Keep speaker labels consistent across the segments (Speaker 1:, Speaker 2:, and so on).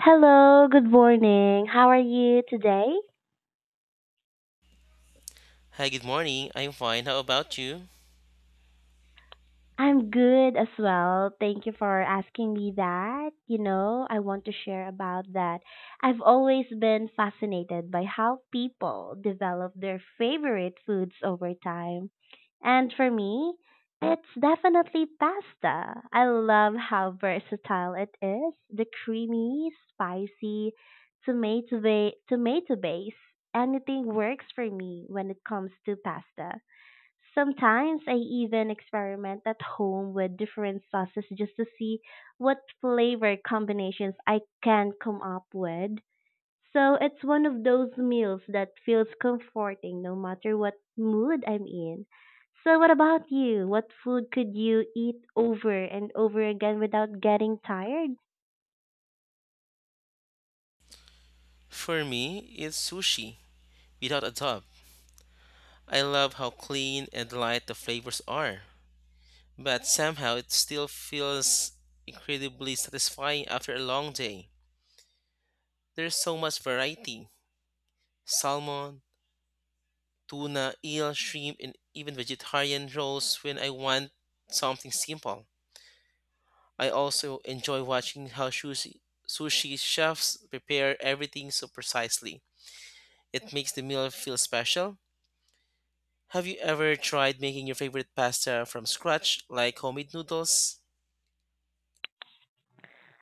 Speaker 1: Hello, good morning. How are you today?
Speaker 2: Hi, good morning. I'm fine. How about you?
Speaker 1: I'm good as well. Thank you for asking me that. I want to share about that. I've always been fascinated by how people develop their favorite foods over time. And for me, it's definitely pasta. I love how versatile it is. The creamy, spicy, tomato base. Anything works for me when it comes to pasta. Sometimes I even experiment at home with different sauces just to see what flavor combinations I can come up with. So it's one of those meals that feels comforting no matter what mood I'm in. So what about you? What food could you eat over and over again without getting tired?
Speaker 2: For me, it's sushi without a top. I love how clean and light the flavors are, but somehow it still feels incredibly satisfying after a long day. There's so much variety: salmon, tuna, eel, shrimp, and even vegetarian rolls when I want something simple. I also enjoy watching how sushi chefs prepare everything so precisely. It makes the meal feel special. Have you ever tried making your favorite pasta from scratch, like homemade noodles?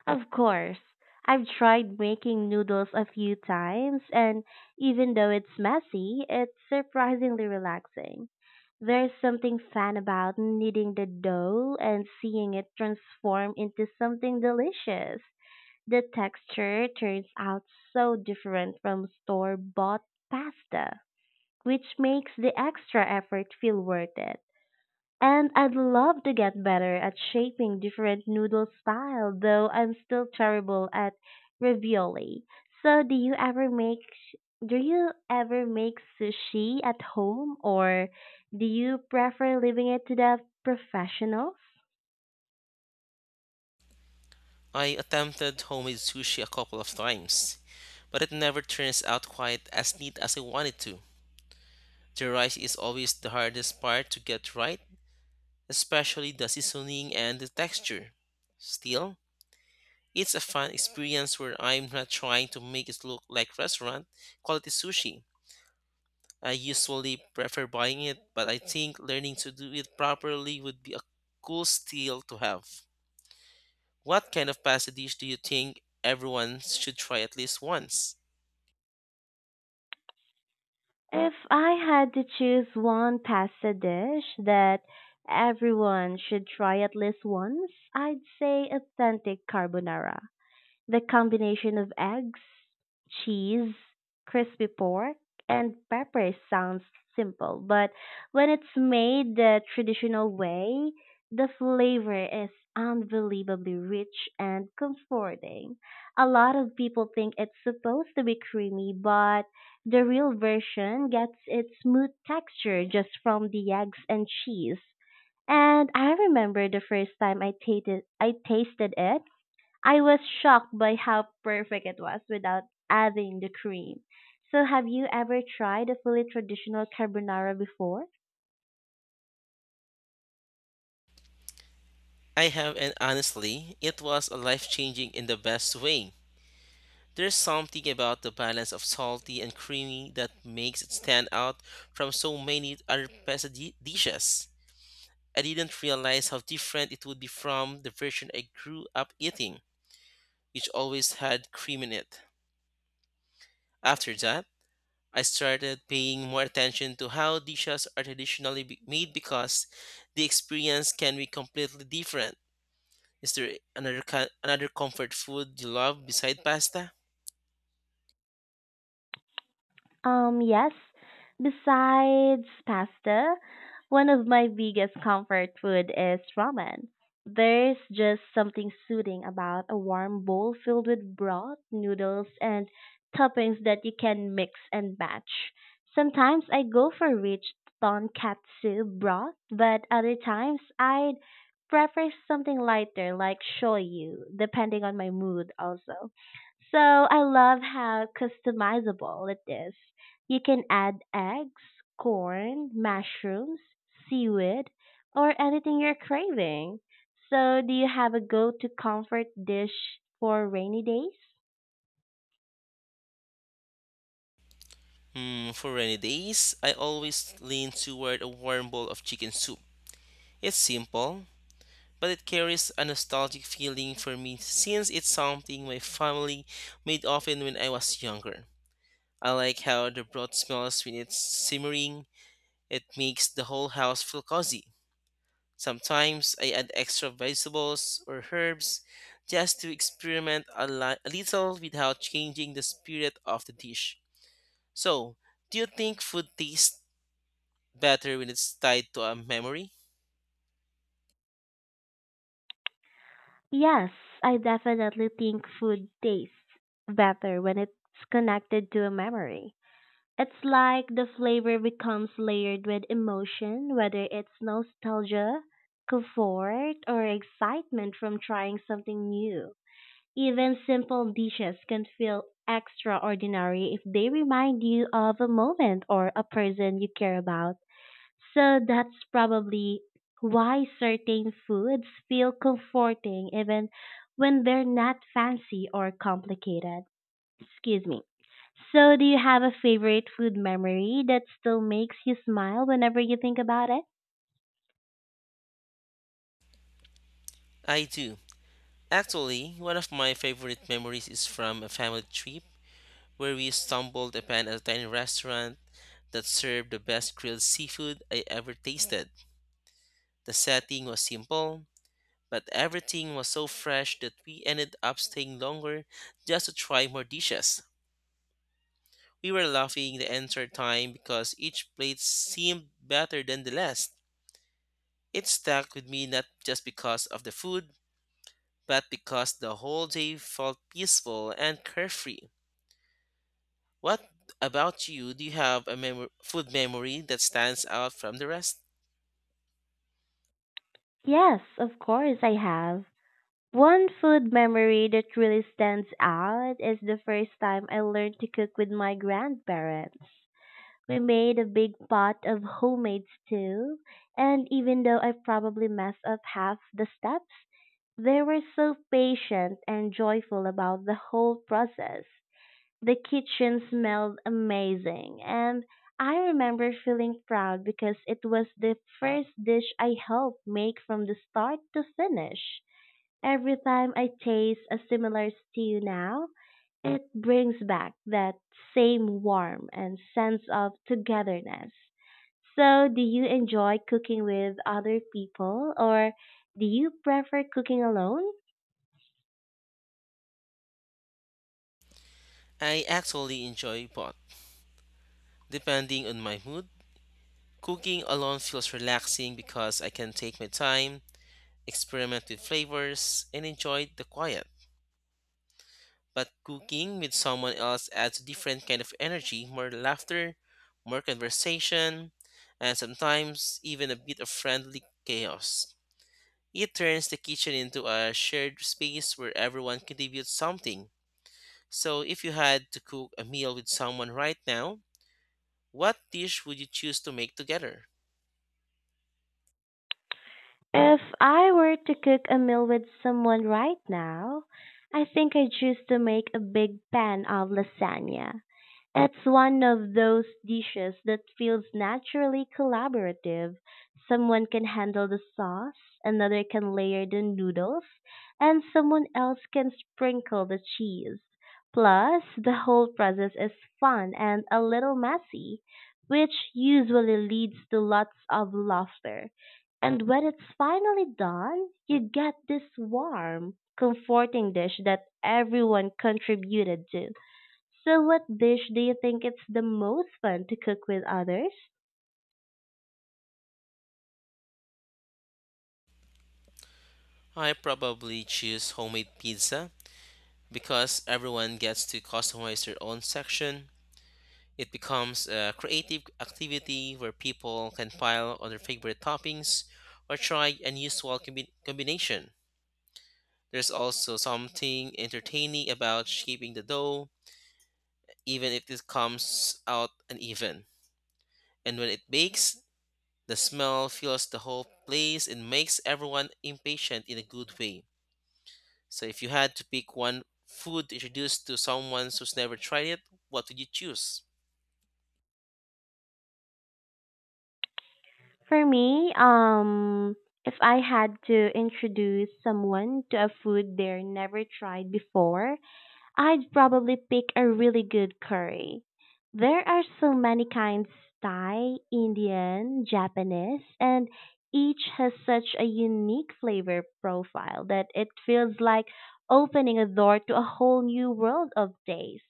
Speaker 1: Of course. I've tried making noodles a few times and even though it's messy, it's surprisingly relaxing. There's something fun about kneading the dough and seeing it transform into something delicious. The texture turns out so different from store bought pasta, which makes the extra effort feel worth it. And I'd love to get better at shaping different noodle style, though I'm still terrible at ravioli. So do you ever make sushi at home or do you prefer leaving it to the professionals?
Speaker 2: I attempted homemade sushi a couple of times, but it never turns out quite as neat as I wanted to. The rice is always the hardest part to get right, especially the seasoning and the texture. Still, it's a fun experience where I'm not trying to make it look like restaurant quality sushi. I usually prefer buying it, but I think learning to do it properly would be a cool skill to have. What kind of pasta dish do you think everyone should try at least once?
Speaker 1: If I had to choose one pasta dish that everyone should try at least once, I'd say authentic carbonara. The combination of eggs, cheese, crispy pork, and peppers sounds simple, but when it's made the traditional way, the flavor is unbelievably rich and comforting. A lot of people think it's supposed to be creamy, but the real version gets its smooth texture just from the eggs and cheese. And I remember the first time I tasted it. I was shocked by how perfect it was without adding the cream. So have you ever tried a fully traditional carbonara before?
Speaker 2: I have, and honestly, it was a life changing in the best way. There's something about the balance of salty and creamy that makes it stand out from so many other dishes. I didn't realize how different it would be from the version I grew up eating, which always had cream in it. After that, I started paying more attention to how dishes are made because the experience can be completely different. Is there another comfort food you love beside pasta?
Speaker 1: Yes. Besides pasta, one of my biggest comfort food is ramen. There's just something soothing about a warm bowl filled with broth, noodles, and toppings that you can mix and match. Sometimes I go for rich tonkatsu broth, but other times I'd prefer something lighter like shoyu, depending on my mood also. So I love how customizable it is. You can add eggs, corn, mushrooms, seaweed, or anything you're craving. So, do you have a go-to comfort dish for rainy days?
Speaker 2: For rainy days, I always lean toward a warm bowl of chicken soup. It's simple, but it carries a nostalgic feeling for me since it's something my family made often when I was younger. I like how the broth smells when it's simmering. It makes the whole house feel cozy. Sometimes I add extra vegetables or herbs just to experiment a little without changing the spirit of the dish. So, do you think food tastes better when it's tied to a memory?
Speaker 1: Yes, I definitely think food tastes better when it's connected to a memory. It's like the flavor becomes layered with emotion, whether it's nostalgia, comfort, or excitement from trying something new. Even simple dishes can feel extraordinary if they remind you of a moment or a person you care about. So that's probably why certain foods feel comforting even when they're not fancy or complicated. Excuse me. So, do you have a favorite food memory that still makes you smile whenever you think about it?
Speaker 2: I do. Actually, one of my favorite memories is from a family trip where we stumbled upon a tiny restaurant that served the best grilled seafood I ever tasted. The setting was simple, but everything was so fresh that we ended up staying longer just to try more dishes. We were laughing the entire time because each plate seemed better than the last. It stuck with me not just because of the food, but because the whole day felt peaceful and carefree. What about you? Do you have a food memory that stands out from the rest?
Speaker 1: Yes, of course I have. One food memory that really stands out is the first time I learned to cook with my grandparents. We made a big pot of homemade stew, and even though I probably messed up half the steps, they were so patient and joyful about the whole process. The kitchen smelled amazing, and I remember feeling proud because it was the first dish I helped make from the start to finish. Every time I taste a similar stew now, it brings back that same warmth and sense of togetherness. So, do you enjoy cooking with other people or do you prefer cooking alone?
Speaker 2: I actually enjoy both, depending on my mood. Cooking alone feels relaxing because I can take my time, experiment with flavors, and enjoy the quiet. But cooking with someone else adds a different kind of energy: more laughter, more conversation, and sometimes even a bit of friendly chaos. It turns the kitchen into a shared space where everyone contributes something. So, if you had to cook a meal with someone right now, what dish would you choose to make together?
Speaker 1: If I were to cook a meal with someone right now, I think I'd choose to make a big pan of lasagna. It's one of those dishes that feels naturally collaborative. Someone can handle the sauce, another can layer the noodles, and someone else can sprinkle the cheese. Plus, the whole process is fun and a little messy, which usually leads to lots of laughter. And when it's finally done, you get this warm, comforting dish that everyone contributed to. So what dish do you think it's the most fun to cook with others?
Speaker 2: I probably choose homemade pizza because everyone gets to customize their own section. It becomes a creative activity where people can pile on their favorite toppings or try unusual combination. There's also something entertaining about shaping the dough, even if it comes out uneven. And when it bakes, the smell fills the whole place and makes everyone impatient in a good way. So if you had to pick one food to introduce to someone who's never tried it, what would you choose?
Speaker 1: For me, if I had to introduce someone to a food they're never tried before, I'd probably pick a really good curry. There are so many kinds Thai, Indian, Japanese, and each has such a unique flavor profile that it feels like opening a door to a whole new world of taste.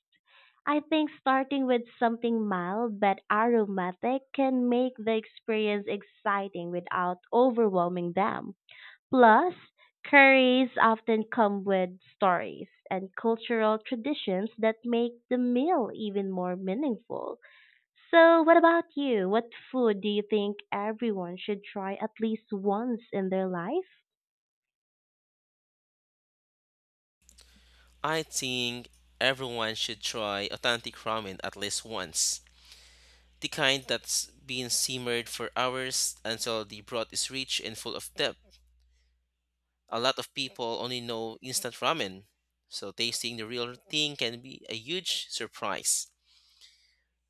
Speaker 1: I think starting with something mild but aromatic can make the experience exciting without overwhelming them. Plus, curries often come with stories and cultural traditions that make the meal even more meaningful. So, what about you? What food do you think everyone should try at least once in their life?
Speaker 2: I think everyone should try authentic ramen at least once. The kind that's been simmered for hours until the broth is rich and full of depth. A lot of people only know instant ramen, so tasting the real thing can be a huge surprise.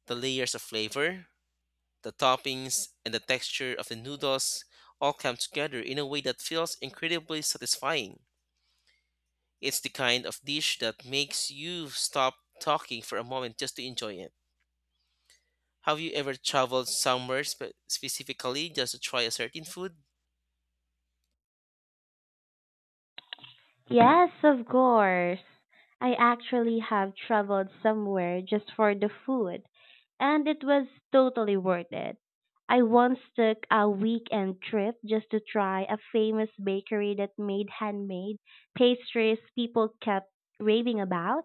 Speaker 2: The layers of flavor, the toppings, and the texture of the noodles all come together in a way that feels incredibly satisfying. It's the kind of dish that makes you stop talking for a moment just to enjoy it. Have you ever traveled somewhere specifically just to try a certain food?
Speaker 1: Yes, of course. I actually have traveled somewhere just for the food, and it was totally worth it. I once took a weekend trip just to try a famous bakery that made handmade pastries people kept raving about.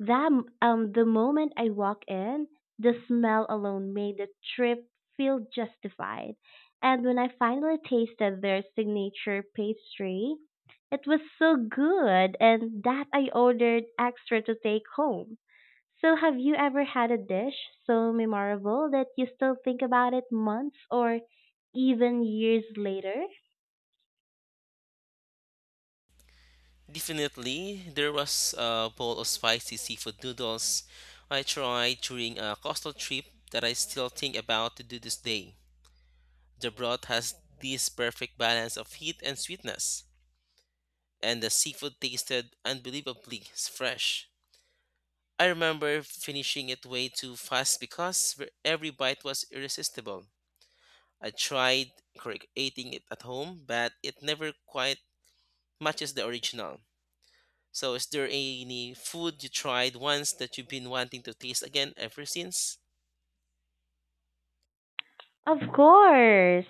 Speaker 1: That The moment I walked in, the smell alone made the trip feel justified. And when I finally tasted their signature pastry, it was so good and that I ordered extra to take home. So have you ever had a dish so memorable that you still think about it months or even years later?
Speaker 2: Definitely, there was a bowl of spicy seafood noodles I tried during a coastal trip that I still think about to do this day. The broth has this perfect balance of heat and sweetness, and the seafood tasted unbelievably fresh. I remember finishing it way too fast because every bite was irresistible. I tried creating it at home, but it never quite matches the original. So, is there any food you tried once that you've been wanting to taste again ever since?
Speaker 1: Of course.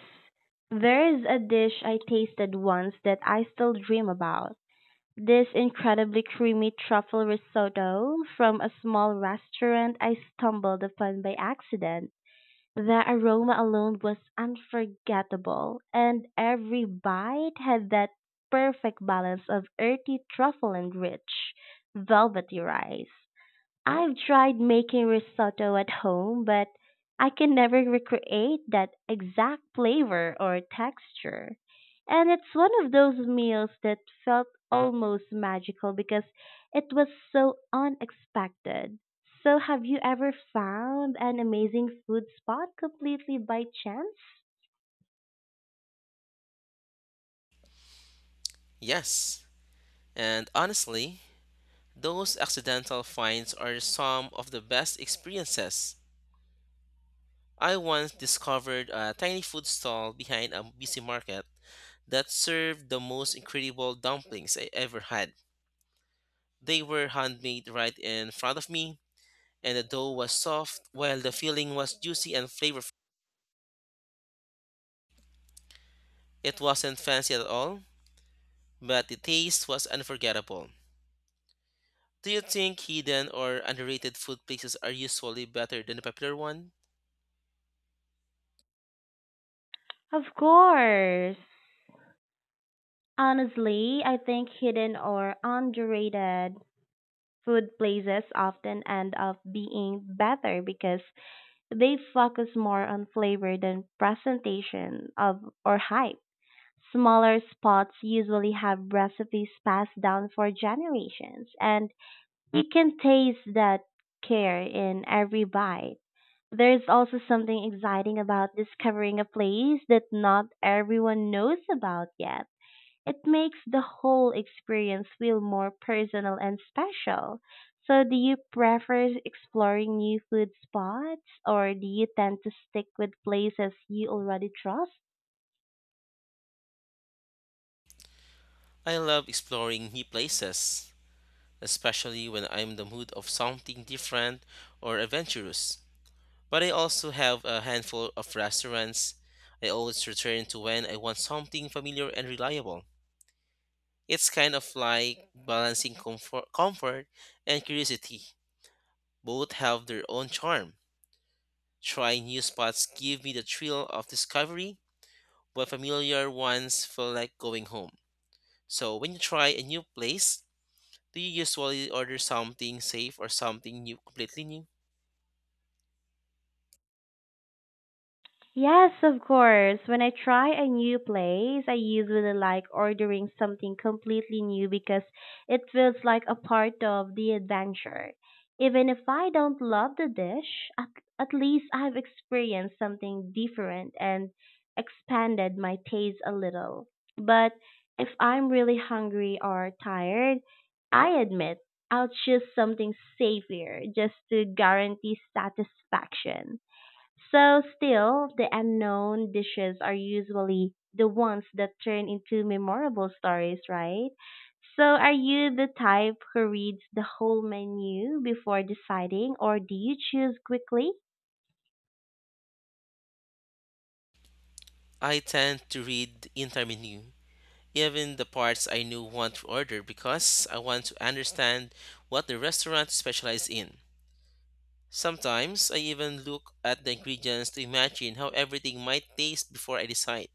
Speaker 1: There is a dish I tasted once that I still dream about. This incredibly creamy truffle risotto from a small restaurant I stumbled upon by accident. The aroma alone was unforgettable, and every bite had that perfect balance of earthy truffle and rich, velvety rice. I've tried making risotto at home, but I can never recreate that exact flavor or texture. And it's one of those meals that felt almost magical because it was so unexpected. So, have you ever found an amazing food spot completely by chance?
Speaker 2: Yes. And honestly, those accidental finds are some of the best experiences. I once discovered a tiny food stall behind a busy market that served the most incredible dumplings I ever had. They were handmade right in front of me, and the dough was soft while the filling was juicy and flavorful. It wasn't fancy at all, but the taste was unforgettable. Do you think hidden or underrated food places are usually better than the popular one?
Speaker 1: Of course. Honestly, I think hidden or underrated food places often end up being better because they focus more on flavor than presentation of or hype. Smaller spots usually have recipes passed down for generations, and you can taste that care in every bite. There's also something exciting about discovering a place that not everyone knows about yet. It makes the whole experience feel more personal and special. So, do you prefer exploring new food spots or do you tend to stick with places you already trust?
Speaker 2: I love exploring new places, especially when I'm in the mood of something different or adventurous. But I also have a handful of restaurants I always return to when I want something familiar and reliable. It's kind of like balancing comfort and curiosity. Both have their own charm. Trying new spots give me the thrill of discovery, while familiar ones feel like going home. So when you try a new place, do you usually order something safe or something new, completely new?
Speaker 1: Yes, of course. When I try a new place, I usually like ordering something completely new because it feels like a part of the adventure. Even if I don't love the dish, at, at least I've experienced something different and expanded my taste a little. But if I'm really hungry or tired, I admit I'll choose something safer just to guarantee satisfaction. So still, the unknown dishes are usually the ones that turn into memorable stories, right? So are you the type who reads the whole menu before deciding or do you choose quickly?
Speaker 2: I tend to read the entire menu, even the parts I knew want to order, because I want to understand what the restaurant specializes in. Sometimes I even look at the ingredients to imagine how everything might taste before I decide.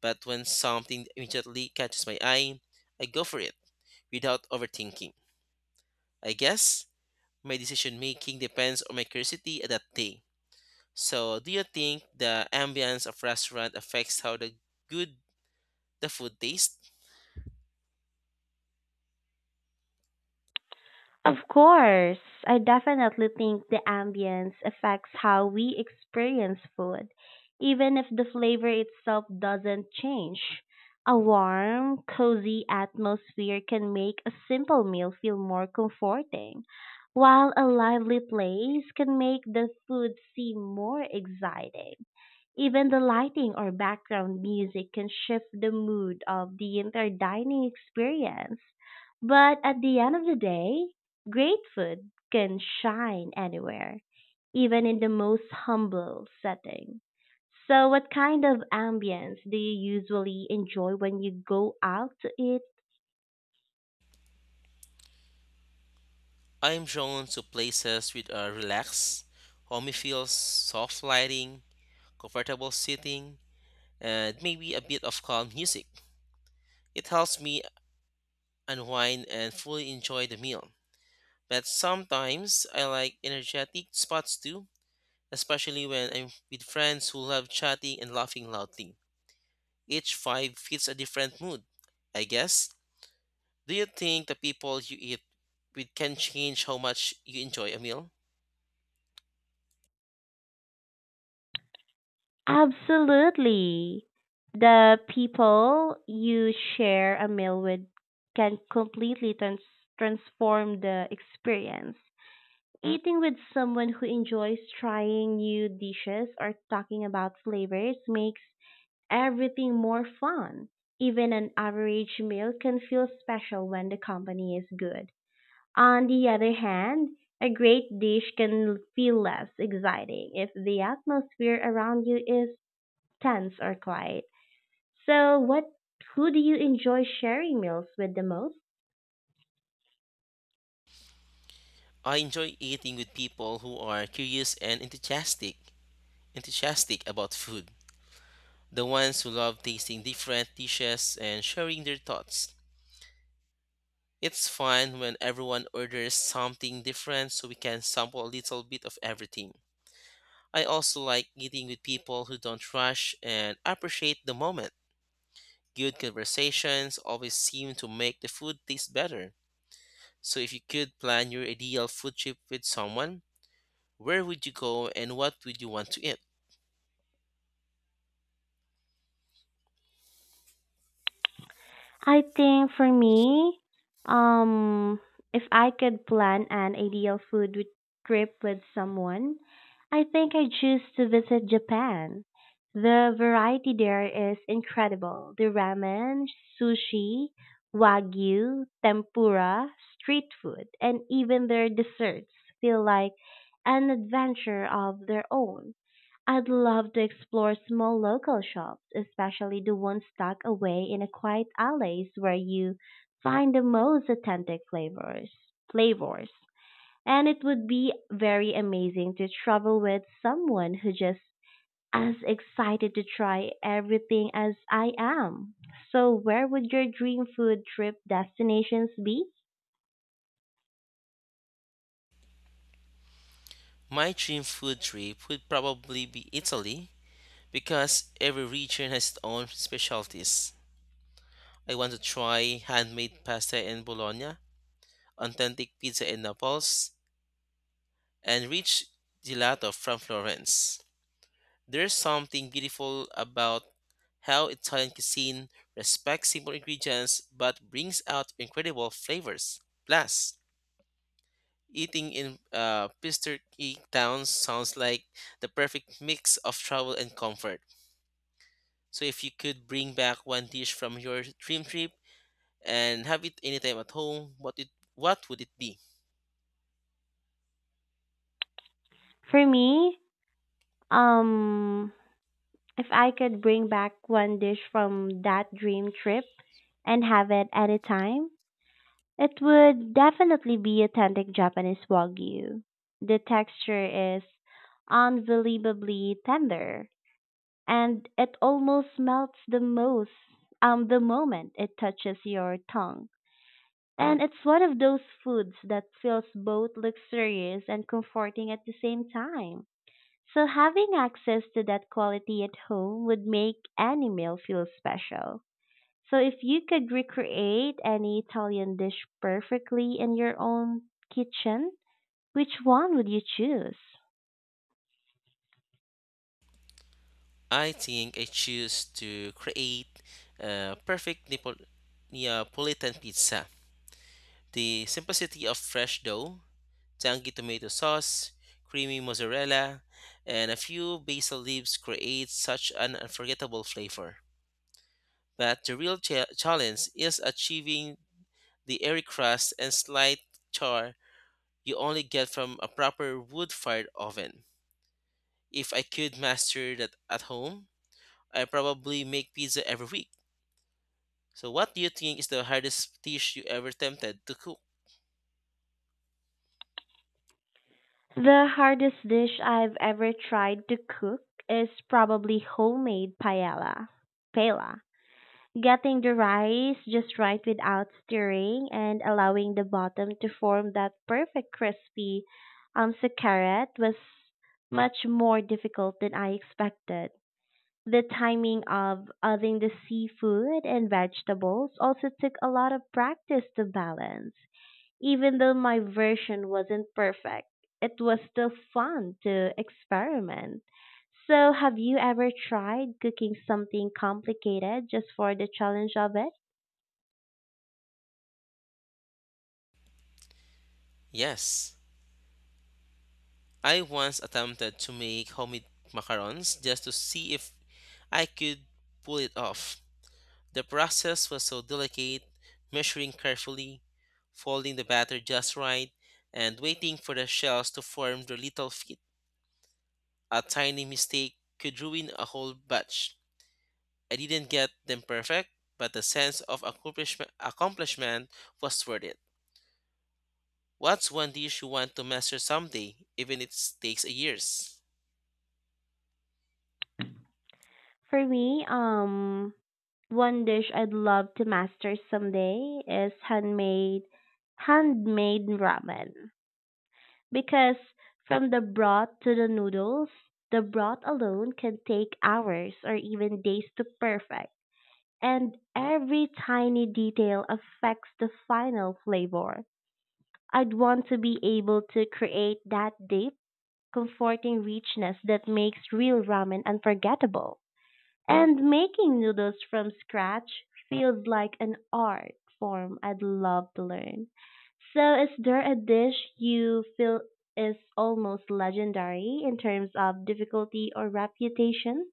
Speaker 2: But when something immediately catches my eye, I go for it without overthinking. I guess my decision making depends on my curiosity at that day. So, do you think the ambience of restaurant affects how the good the food tastes?
Speaker 1: Of course, I definitely think the ambience affects how we experience food, even if the flavor itself doesn't change. A warm, cozy atmosphere can make a simple meal feel more comforting, while a lively place can make the food seem more exciting. Even the lighting or background music can shift the mood of the entire dining experience. But at the end of the day, great food can shine anywhere, even in the most humble setting. So, what kind of ambience do you usually enjoy when you go out to eat?
Speaker 2: I'm drawn to places with a relaxed, homey feels, soft lighting, comfortable seating, and maybe a bit of calm music. It helps me unwind and fully enjoy the meal. But sometimes I like energetic spots too, especially when I'm with friends who love chatting and laughing loudly. Each vibe fits a different mood, I guess. Do you think the people you eat with can change how much you enjoy a meal?
Speaker 1: Absolutely. The people you share a meal with can completely transform the experience. Eating with someone who enjoys trying new dishes or talking about flavors makes everything more fun. Even an average meal can feel special when the company is good. On the other hand, a great dish can feel less exciting if the atmosphere around you is tense or quiet. So, what who do you enjoy sharing meals with the most?
Speaker 2: I enjoy eating with people who are enthusiastic about food. The ones who love tasting different dishes and sharing their thoughts. It's fun when everyone orders something different so we can sample a little bit of everything. I also like eating with people who don't rush and appreciate the moment. Good conversations always seem to make the food taste better. So if you could plan your ideal food trip with someone, where would you go and what would you want to eat?
Speaker 1: I think for me, um, if I could plan an ideal trip with someone, I think I choose to visit Japan. The variety there is incredible. The ramen, sushi, wagyu, tempura, street food, and even their desserts feel like an adventure of their own. I'd love to explore small local shops, especially the ones tucked away in a quiet alleys where you find the most authentic flavors. And it would be very amazing to travel with someone who just as excited to try everything as I am. So where would your dream food trip destinations be?
Speaker 2: My dream food trip would probably be Italy because every region has its own specialties. I want to try handmade pasta in Bologna, authentic pizza in Naples, and rich gelato from Florence. There's something beautiful about how Italian cuisine respects simple ingredients but brings out incredible flavors. Plus, eating in picturesque towns sounds like the perfect mix of travel and comfort. So, if you could bring back one dish from your dream trip and have it anytime at home, what would it be?
Speaker 1: For me, um if I could bring back one dish from that dream trip, and have it at a time, it would definitely be authentic Japanese Wagyu. The texture is unbelievably tender and it almost melts the moment it touches your tongue. And it's one of those foods that feels both luxurious and comforting at the same time. So having access to that quality at home would make any meal feel special. So if you could recreate any Italian dish perfectly in your own kitchen, which one would you choose?
Speaker 2: I think I choose to create a perfect Neapolitan pizza. The simplicity of fresh dough, tangy tomato sauce, creamy mozzarella, and a few basil leaves create such an unforgettable flavor. But the real challenge is achieving the airy crust and slight char you only get from a proper wood fired oven. If I could master that at home, I probably make pizza every week. So, what do you think is the hardest dish you ever attempted to cook?
Speaker 1: The hardest dish I've ever tried to cook is probably homemade paella. Getting the rice just right without stirring and allowing the bottom to form that perfect crispy succaret was much more difficult than I expected. The timing of adding the seafood and vegetables also took a lot of practice to balance. Even though my version wasn't perfect, it was still fun to experiment. So, have you ever tried cooking something complicated just for the challenge of it?
Speaker 2: Yes, I once attempted to make homemade macarons just to see if I could pull it off. The process was so delicate: measuring carefully, folding the batter just right, and waiting for the shells to form their little feet. A tiny mistake could ruin a whole batch. I didn't get them perfect, but the sense of accomplishment was worth it. What's one dish you want to master someday, even if it takes a years?
Speaker 1: For me, um, one dish I'd love to master someday is handmade ramen. Because from the broth to the noodles, the broth alone can take hours or even days to perfect, and every tiny detail affects the final flavor. I'd want to be able to create that deep, comforting richness that makes real ramen unforgettable. And making noodles from scratch feels like an art form I'd love to learn. So, is there a dish you feel is almost legendary in terms of difficulty or reputation?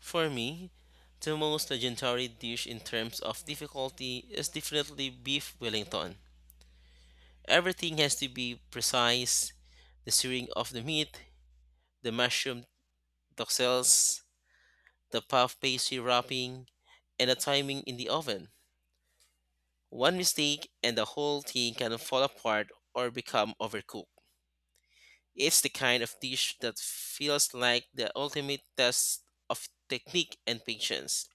Speaker 2: For me, the most legendary dish in terms of difficulty is definitely beef Wellington. Everything has to be precise: the searing of the meat, the mushroom toxels, the puff pastry wrapping, and the timing in the oven. One mistake and the whole thing can fall apart or become overcooked. It's the kind of dish that feels like the ultimate test of technique and patience.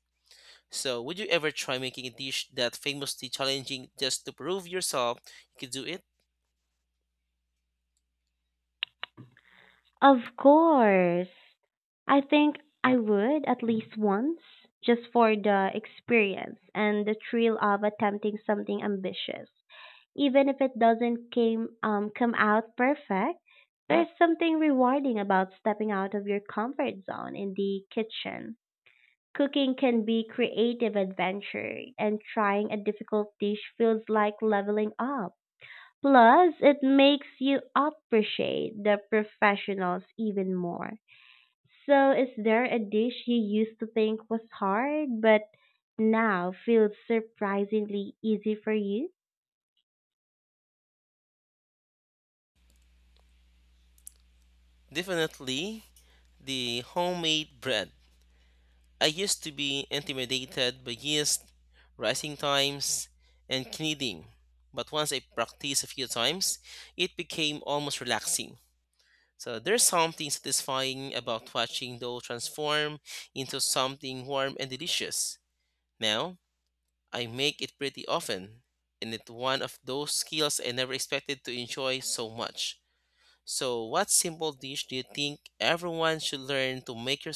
Speaker 2: So, would you ever try making a dish that famously challenging just to prove yourself you could do it?
Speaker 1: Of course. I think I would at least once, just for the experience and the thrill of attempting something ambitious. Even if it doesn't came come out perfect, there's something rewarding about stepping out of your comfort zone in the kitchen. Cooking can be creative adventure and trying a difficult dish feels like leveling up. Plus, it makes you appreciate the professionals even more. So, is there a dish you used to think was hard but now feels surprisingly easy for you?
Speaker 2: Definitely the homemade bread. I used to be intimidated by yeast, rising times, and kneading, but once I practiced a few times, it became almost relaxing. So there's something satisfying about watching dough transform into something warm and delicious. Now, I make it pretty often, and it's one of those skills I never expected to enjoy so much. So, what simple dish do you think everyone should learn to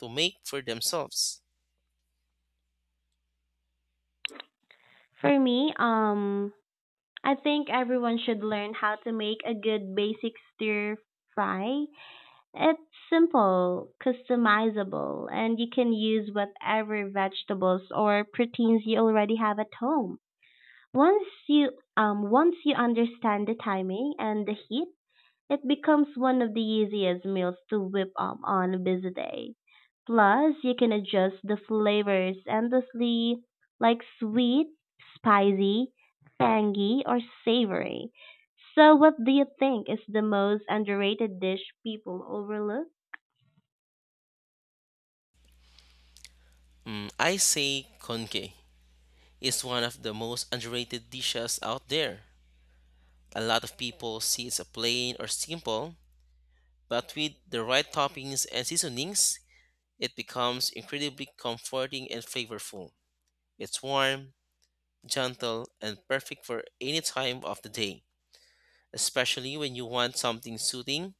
Speaker 2: to make for themselves?
Speaker 1: For me, um I think everyone should learn how to make a good basic stir fry. It's simple, customizable, and you can use whatever vegetables or proteins you already have at home. Once you once you understand the timing and the heat, it becomes one of the easiest meals to whip up on a busy day. Plus, you can adjust the flavors endlessly, like sweet, spicy, tangy, or savory. So, what do you think is the most underrated dish people overlook?
Speaker 2: I say conke is one of the most underrated dishes out there. A lot of people see it's a plain or simple, but with the right toppings and seasonings, it becomes incredibly comforting and flavorful. It's warm, gentle, and perfect for any time of the day, especially when you want something soothing.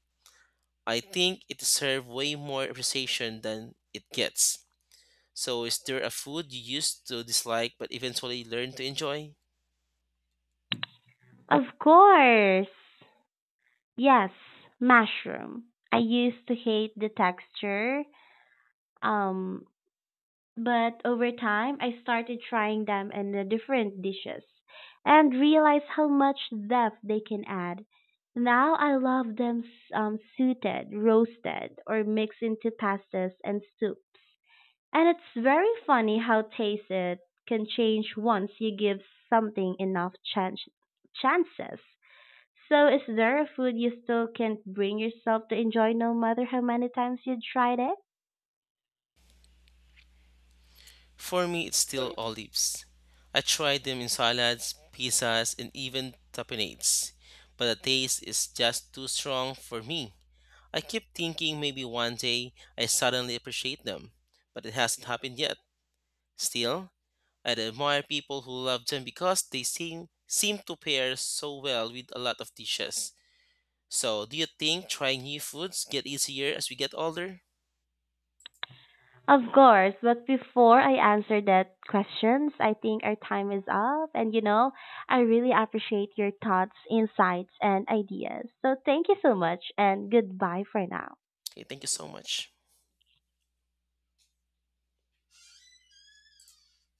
Speaker 2: I think it deserves way more appreciation than it gets. So, is there a food you used to dislike but eventually learned to enjoy?
Speaker 1: Of course! Yes, mushroom. I used to hate the texture, um, But over time, I started trying them in the different dishes and realized how much depth they can add. Now I love them sauteed, roasted, or mixed into pastas and soups. And it's very funny how taste it can change once you give something enough chances. So is there a food you still can't bring yourself to enjoy no matter how many times you tried it?
Speaker 2: For me, it's still olives. I tried them in salads, pizzas, and even tapenades, but the taste is just too strong for me. I keep thinking maybe one day I suddenly appreciate them, but it hasn't happened yet. Still, I admire people who love them because they seem to pair so well with a lot of dishes. So, do you think trying new foods get easier as we get older?
Speaker 1: Of course, but before I answer that questions, I think our time is up. And I really appreciate your thoughts, insights, and ideas. So thank you so much and goodbye for now.
Speaker 2: Okay, thank you so much.